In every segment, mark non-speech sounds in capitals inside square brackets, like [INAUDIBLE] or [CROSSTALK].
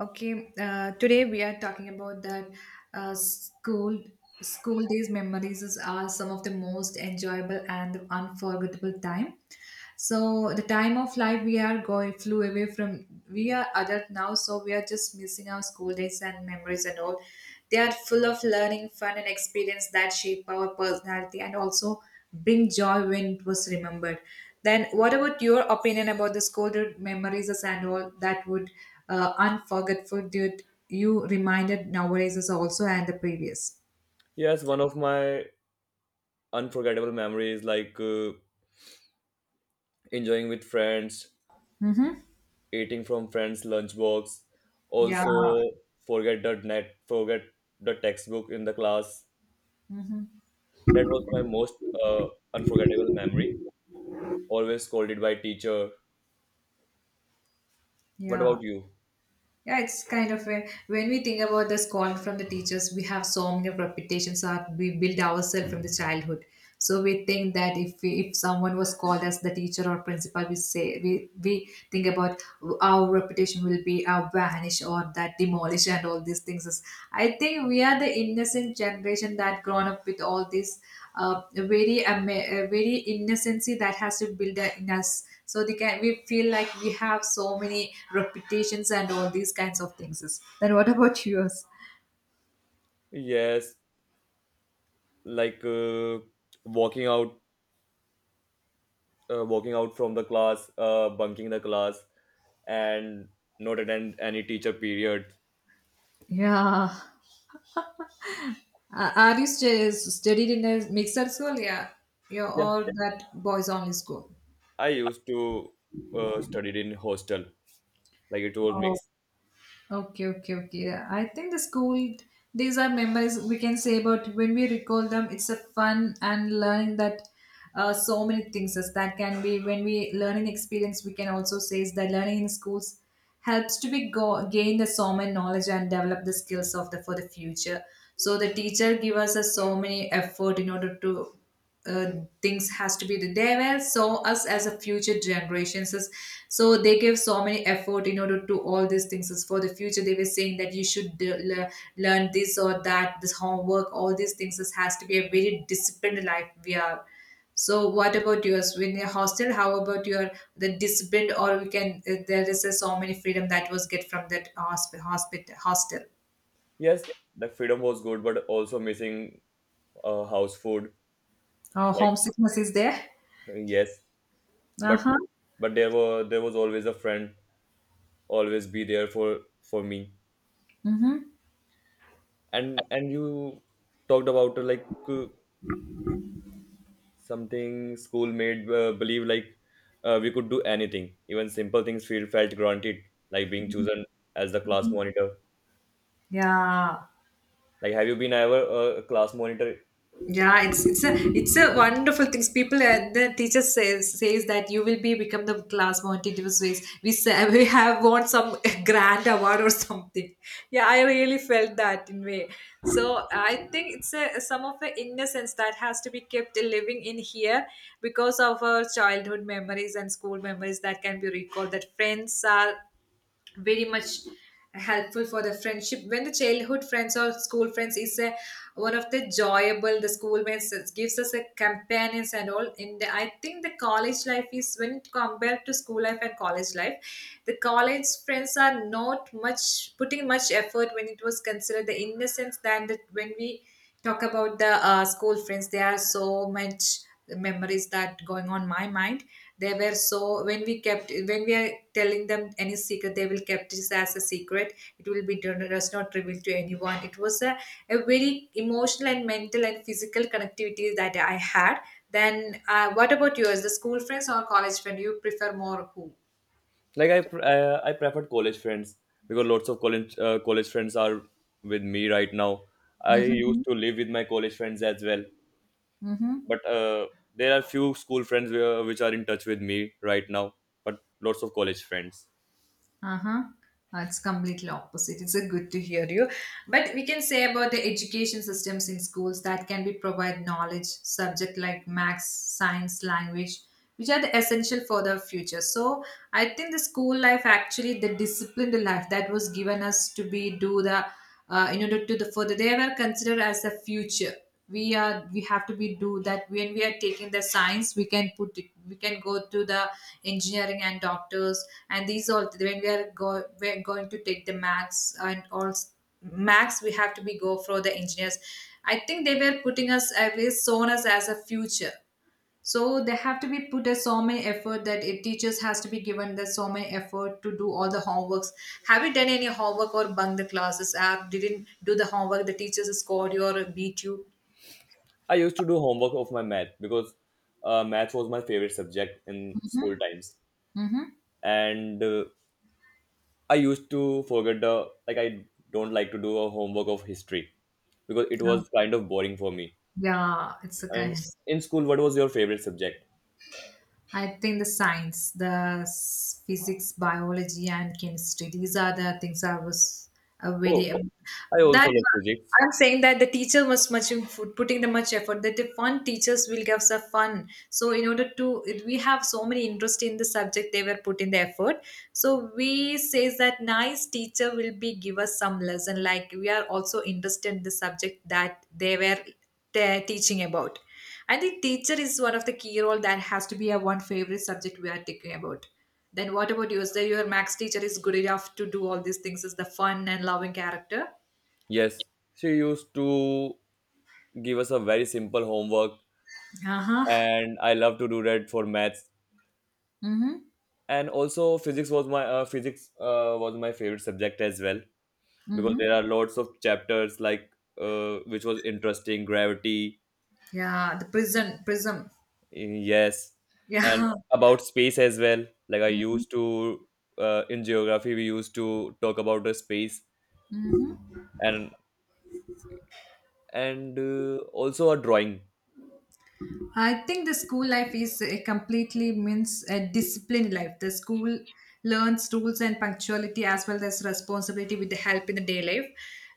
Okay, today we are talking about that uh, school school days memories are some of the most enjoyable and unforgettable time. So the time of life we are going flew away from we are adult now, so we are just missing our school days and memories and all. They are full of learning, fun, and experience that shape our personality and also bring joy when it was remembered. Then, what about your opinion about the scolded memories as and all that would unforgettable that you reminded nowadays is also and the previous? Yes, one of my unforgettable memories, like enjoying with friends, Mm-hmm. eating from friends' lunchbox. Yeah. Also, forget the net, forget the textbook in the class. Mm-hmm. That was my most uh, unforgettable memory. Always scolded by teacher. What Yeah. about you? Yeah, it's kind of a, when we think about the scorn from the teachers, we have so many reputations that we build ourselves from the childhood. So we think that if we, if someone was called as the teacher or principal, we say we think about our reputation will be our vanish or that demolish and all these things. I think we are the innocent generation that grown up with all this very innocency that has to build in us so they can we feel like we have so many repetitions and all these kinds of things. Then what about yours? Yes, like walking out, walking out from the class, bunking the class, and not attend any teacher period. Yeah, are you studied in a mixed school? Yeah, you're all that boys only school? I used to studied in hostel, like it was Oh. mixed. Okay, okay, okay. I think the school, these are memories we can say, but when we recall them, it's a fun and learning that so many things as that can be when we learning experience. We can also say is that learning in schools helps to be go, gain the so many knowledge and develop the skills of the for the future. So the teacher give us a so many effort in order to uh, things has to be the. They will saw us as a future generations. So they give so many effort in order to all these things is for the future. They were saying that you should learn this or that, this homework, all these things is, has to be a very disciplined life we are. So what about yours? When you're hostel, how about your the disciplined or we can there is a, so many freedom that was get from that hospital hostel. Yes, the freedom was good, but also missing house food. Oh, Like homesickness is there. yes, Uh but huh. but there was always a friend, always be there for me. And you talked about like something school made believe, like we could do anything, even simple things feel felt granted, like being chosen as the class monitor. Yeah. Like, have you been ever a class monitor? Yeah, it's a wonderful things. People the teacher says that you will be become the class mountainous ways. We say [LAUGHS] we have won some [LAUGHS] grand award or something. Yeah, I really felt that in way. So I think it's a some of the innocence that has to be kept living in here because of our childhood memories and school memories that can be recalled. That friends are very much helpful for the friendship when the childhood friends or school friends is a, one of the joyable the school friends gives us a companions and all. And I think the college life is when it compared to school life and college life, the college friends are not much putting much effort when it was considered the innocence than that. When we talk about the school friends, there are so much memories that going on my mind. They were so when we kept when we are telling them any secret, they will kept this as a secret. It will be does not revealed to anyone. It was a very emotional and mental and physical connectivity that I had. Then what about yours, the school friends or college friend you prefer more, who? Like, I preferred college friends, because lots of college friends are with me right now. I used Mm-hmm. to live with my college friends as well, Mm-hmm. but there are few school friends where, which are in touch with me right now. But lots of college friends. Uh-huh. It's completely opposite. It's a good to hear you. But we can say about the education systems in schools that can be provide knowledge, subject like maths, science, language, which are the essential for the future. So I think the school life actually the disciplined life that was given us to be do the in order to the further they were considered as the future. We are we have to be do that. When we are taking the science, we can put it, we can go to the engineering and doctors. And these all when we are go, we're going to take the max and all max, we have to be go for the engineers. I think they were putting us away shown us as a future. So they have to be put as so many effort that it teachers has to be given that so many effort to do all the homeworks. Have you done any homework or bunk the classes app didn't do the homework the teachers scored you or beat you? I used to do homework of my math, because math was my favorite subject in Mm-hmm. school times, Mm-hmm. and I used to forget the like, I don't like to do a homework of history, because it was kind of boring for me. Yeah, it's a kind. And in school, what was your favorite subject? I think the science, the physics, biology, and chemistry. These are the things I was Oh, very I also that. love physics. I'm saying that the teacher was much putting the much effort. That the fun teachers will give us a fun. So in order to we have so many interest in the subject, they were putting the effort. So we says that nice teacher will be give us some lesson. Like we are also interested in the subject that they were teaching about. I think teacher is one of the key role that has to be a one favorite subject we are talking about. Then what about you? Is that your max teacher is good enough to do all these things? Is the fun and loving character? Yes, she used to give us a very simple homework, Uh huh. and I love to do that for maths. Mm hmm. And also, physics was my favorite subject as well, Mm because hmm. there are lots of chapters, like which was interesting, gravity, Yeah, the prism. Yes, and Yeah. about space as well. Like, I used to in geography, we used to talk about the space, and also a drawing. I think the school life is a completely means a disciplined life. The school learns rules and punctuality as well as responsibility with the help in the day life.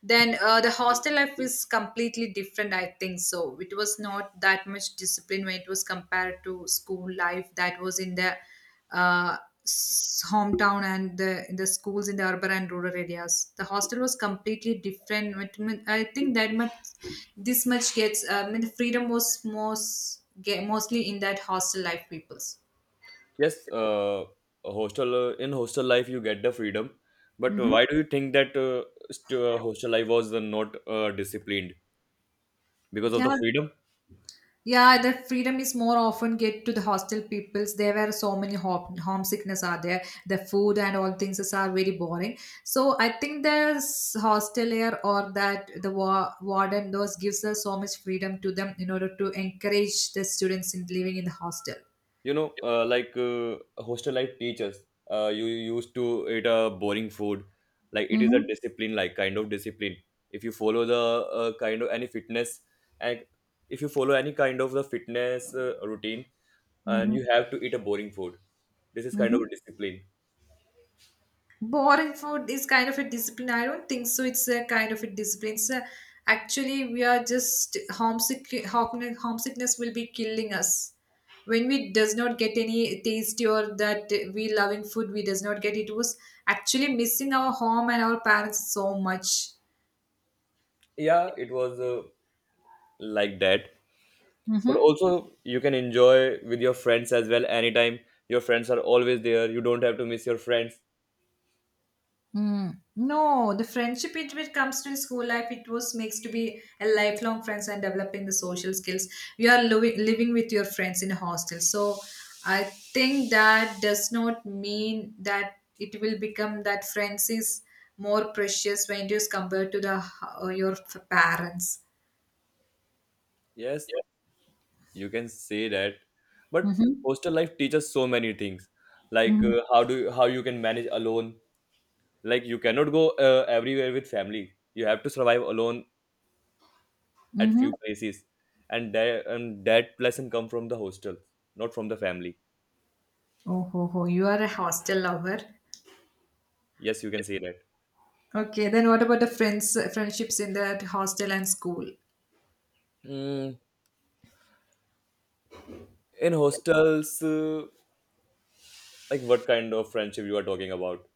Then the hostel life is completely different. I think so. It was not that much discipline when it was compared to school life that was in the uh, hometown and the in the schools in the urban and rural areas. The hostel was completely different. But I think that much, this much gets. I mean, the freedom was most get, mostly in that hostel life peoples. Yes, a hostel in hostel life you get the freedom, but Hmm. why do you think that hostel life was not disciplined because of Yeah, the freedom? yeah, the freedom is more often get to the hostel peoples. There were so many home homesickness are there. The food and all things is are very boring. So I think the hostelier or that the warden those gives us so much freedom to them in order to encourage the students in living in the hostel. Like, hostel life teaches you used to eat a boring food. Like, it is a Mm-hmm. discipline, like kind of discipline, if you follow the kind of any fitness, and if you follow any kind of the fitness routine, and you have to eat a boring food. This is kind of Mm-hmm. a discipline. Boring food is kind of a discipline. I don't think so. It's a kind of a discipline. It's a, actually, we are just homesick. Homesickness will be killing us when we does not get any tasty or that we loving food. We does not get. It was actually missing our home and our parents so much. Yeah, it was like that, but also you can enjoy with your friends as well anytime. Your friends are always there. You don't have to miss your friends. Mm. No, the friendship it comes to school life, it was makes to be a lifelong friends and developing the social skills. You are living with your friends in a hostel, so I think that does not mean that it will become that friends is more precious when it is compared to the your f- parents. Yes. You can say that, but Mm-hmm. hostel life teaches so many things, like, Mm-hmm. How you can manage alone. Like, you cannot go everywhere with family. You have to survive alone at Mm-hmm. few places, and that lesson come from the hostel, not from the family. Oh, ho, ho. You are a hostel lover. Yes, you can say that. Okay, then what about the friends friendships in that hostel and school? Mm, in hostels, like, what kind of friendship you are talking about?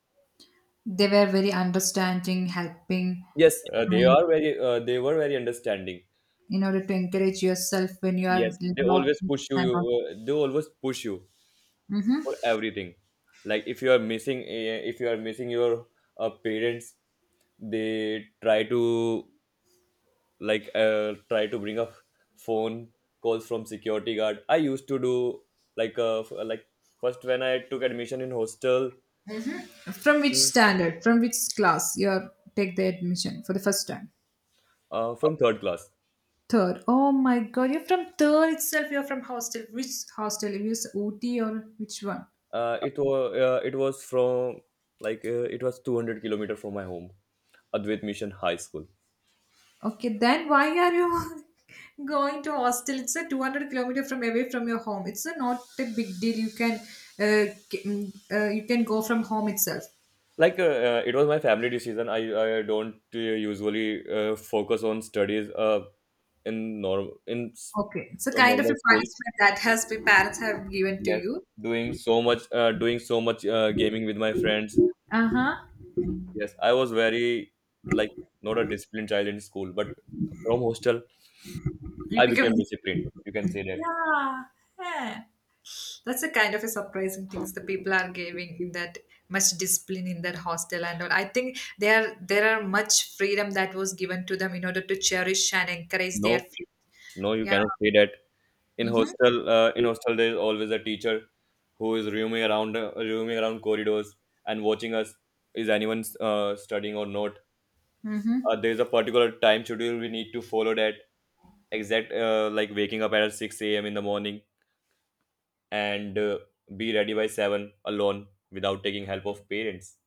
They were very understanding, helping, Yes, and they were very understanding. in order to encourage yourself when you Yes, are in they low always places push you. and all. uh, they always push you. Hmm. For everything, like, if you are missing your parents, they try to, like, try to bring up phone calls from security guard. I used to do. Like, first, when I took admission in hostel, From which standard, from which class you are take the admission for the first time? From third class. Third. Oh my God, you're from third itself. You're from hostel. Which hostel? You use OT or which one? Uh, it was from like It was 200-kilometer from my home. Advait Mission High School. Okay, then why are you [LAUGHS] going to hostel? It's a 200-kilometer from away from your home. It's a, not a big deal. You can you can go from home itself. It was my family decision. I don't usually focus on studies, in norm in s- Okay. So kind of a normal schools. punishment that has been parents have given to Yes, you. doing so much gaming with my friends. Uh-huh. Yes, I was very, like, not a disciplined child in school, but from hostel You I become became this. disciplined, you can say that. Yeah. Yeah. That's a kind of a surprising things the people are giving in that much discipline in that hostel and all. I think there are much freedom that was given to them in order to cherish and encourage No, their, yeah, freedom. no, you Yeah. cannot say that. Mm-hmm. In hostel there is always a teacher who is roaming around corridors and watching us. Is anyone studying or not? Mm-hmm. There is a particular time schedule we need to follow that exact, like, waking up at 6 a.m. in the morning, and be ready by 7, alone, without taking help of parents.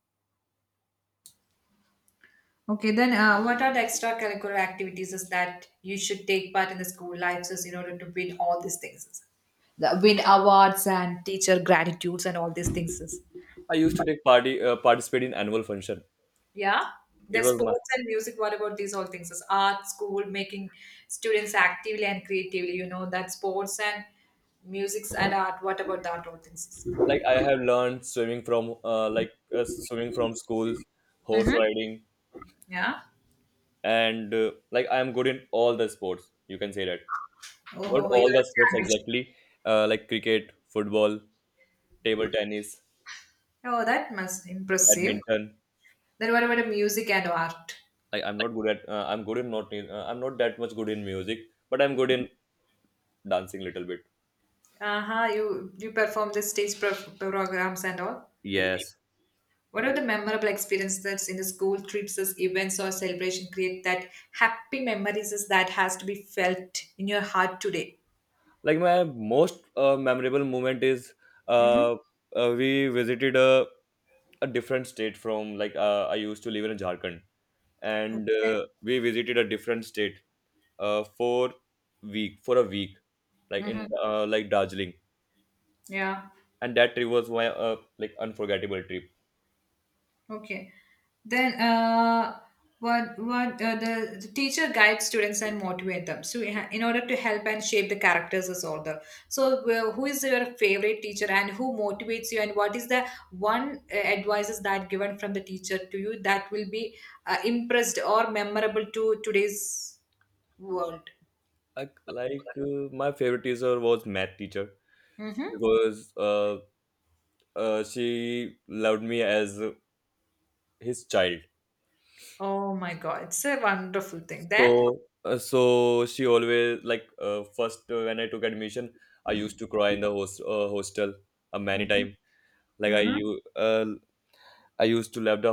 Okay, then what are the extracurricular activities is that you should take part in the school life so in order to win all these things? The win awards and teacher gratitudes and all these things. I used to take party participate in annual function. Yeah. It There's was my... sports and music. What about these all things? Is art, school, making students actively and creatively. You know that sports and music and art. What about that all things? Like, I have learned swimming from schools, horse Mm-hmm. riding, Yeah. and like, I am good in all the sports. You can say that. Oh, Not oh, oh, you all are the a sports champion. exactly, like cricket, football, table tennis, Oh, that must impressive. badminton. Then what about the music and art? Like, I'm not good at. I'm not that much good in music, but I'm good in dancing little bit. Uh-huh, you perform the stage programs and all. Yes. What are the memorable experiences in the school trips, as events or celebration create that happy memories as that has to be felt in your heart today? Like, my most memorable moment is uh, we visited a different state from, like, I used to live in Jharkhand, and Okay. We visited a different state for week for a week, like in, like, Darjeeling, Yeah. and that trip was my, like, unforgettable trip. Okay. Then, what the teacher guides students and motivate them. So, in order to help and shape the characters as order. So, well, who is your favorite teacher and who motivates you and what is the one advices that given from the teacher to you that will be impressed or memorable to today's world? Like, my favorite teacher was math teacher, Mm-hmm. because she loved me as his child. Oh my God, it's a wonderful thing. Then. So she always, like, first, when I took admission, I used to cry in the hostel many Mm-hmm. time. Like, Mm-hmm. I used to leave the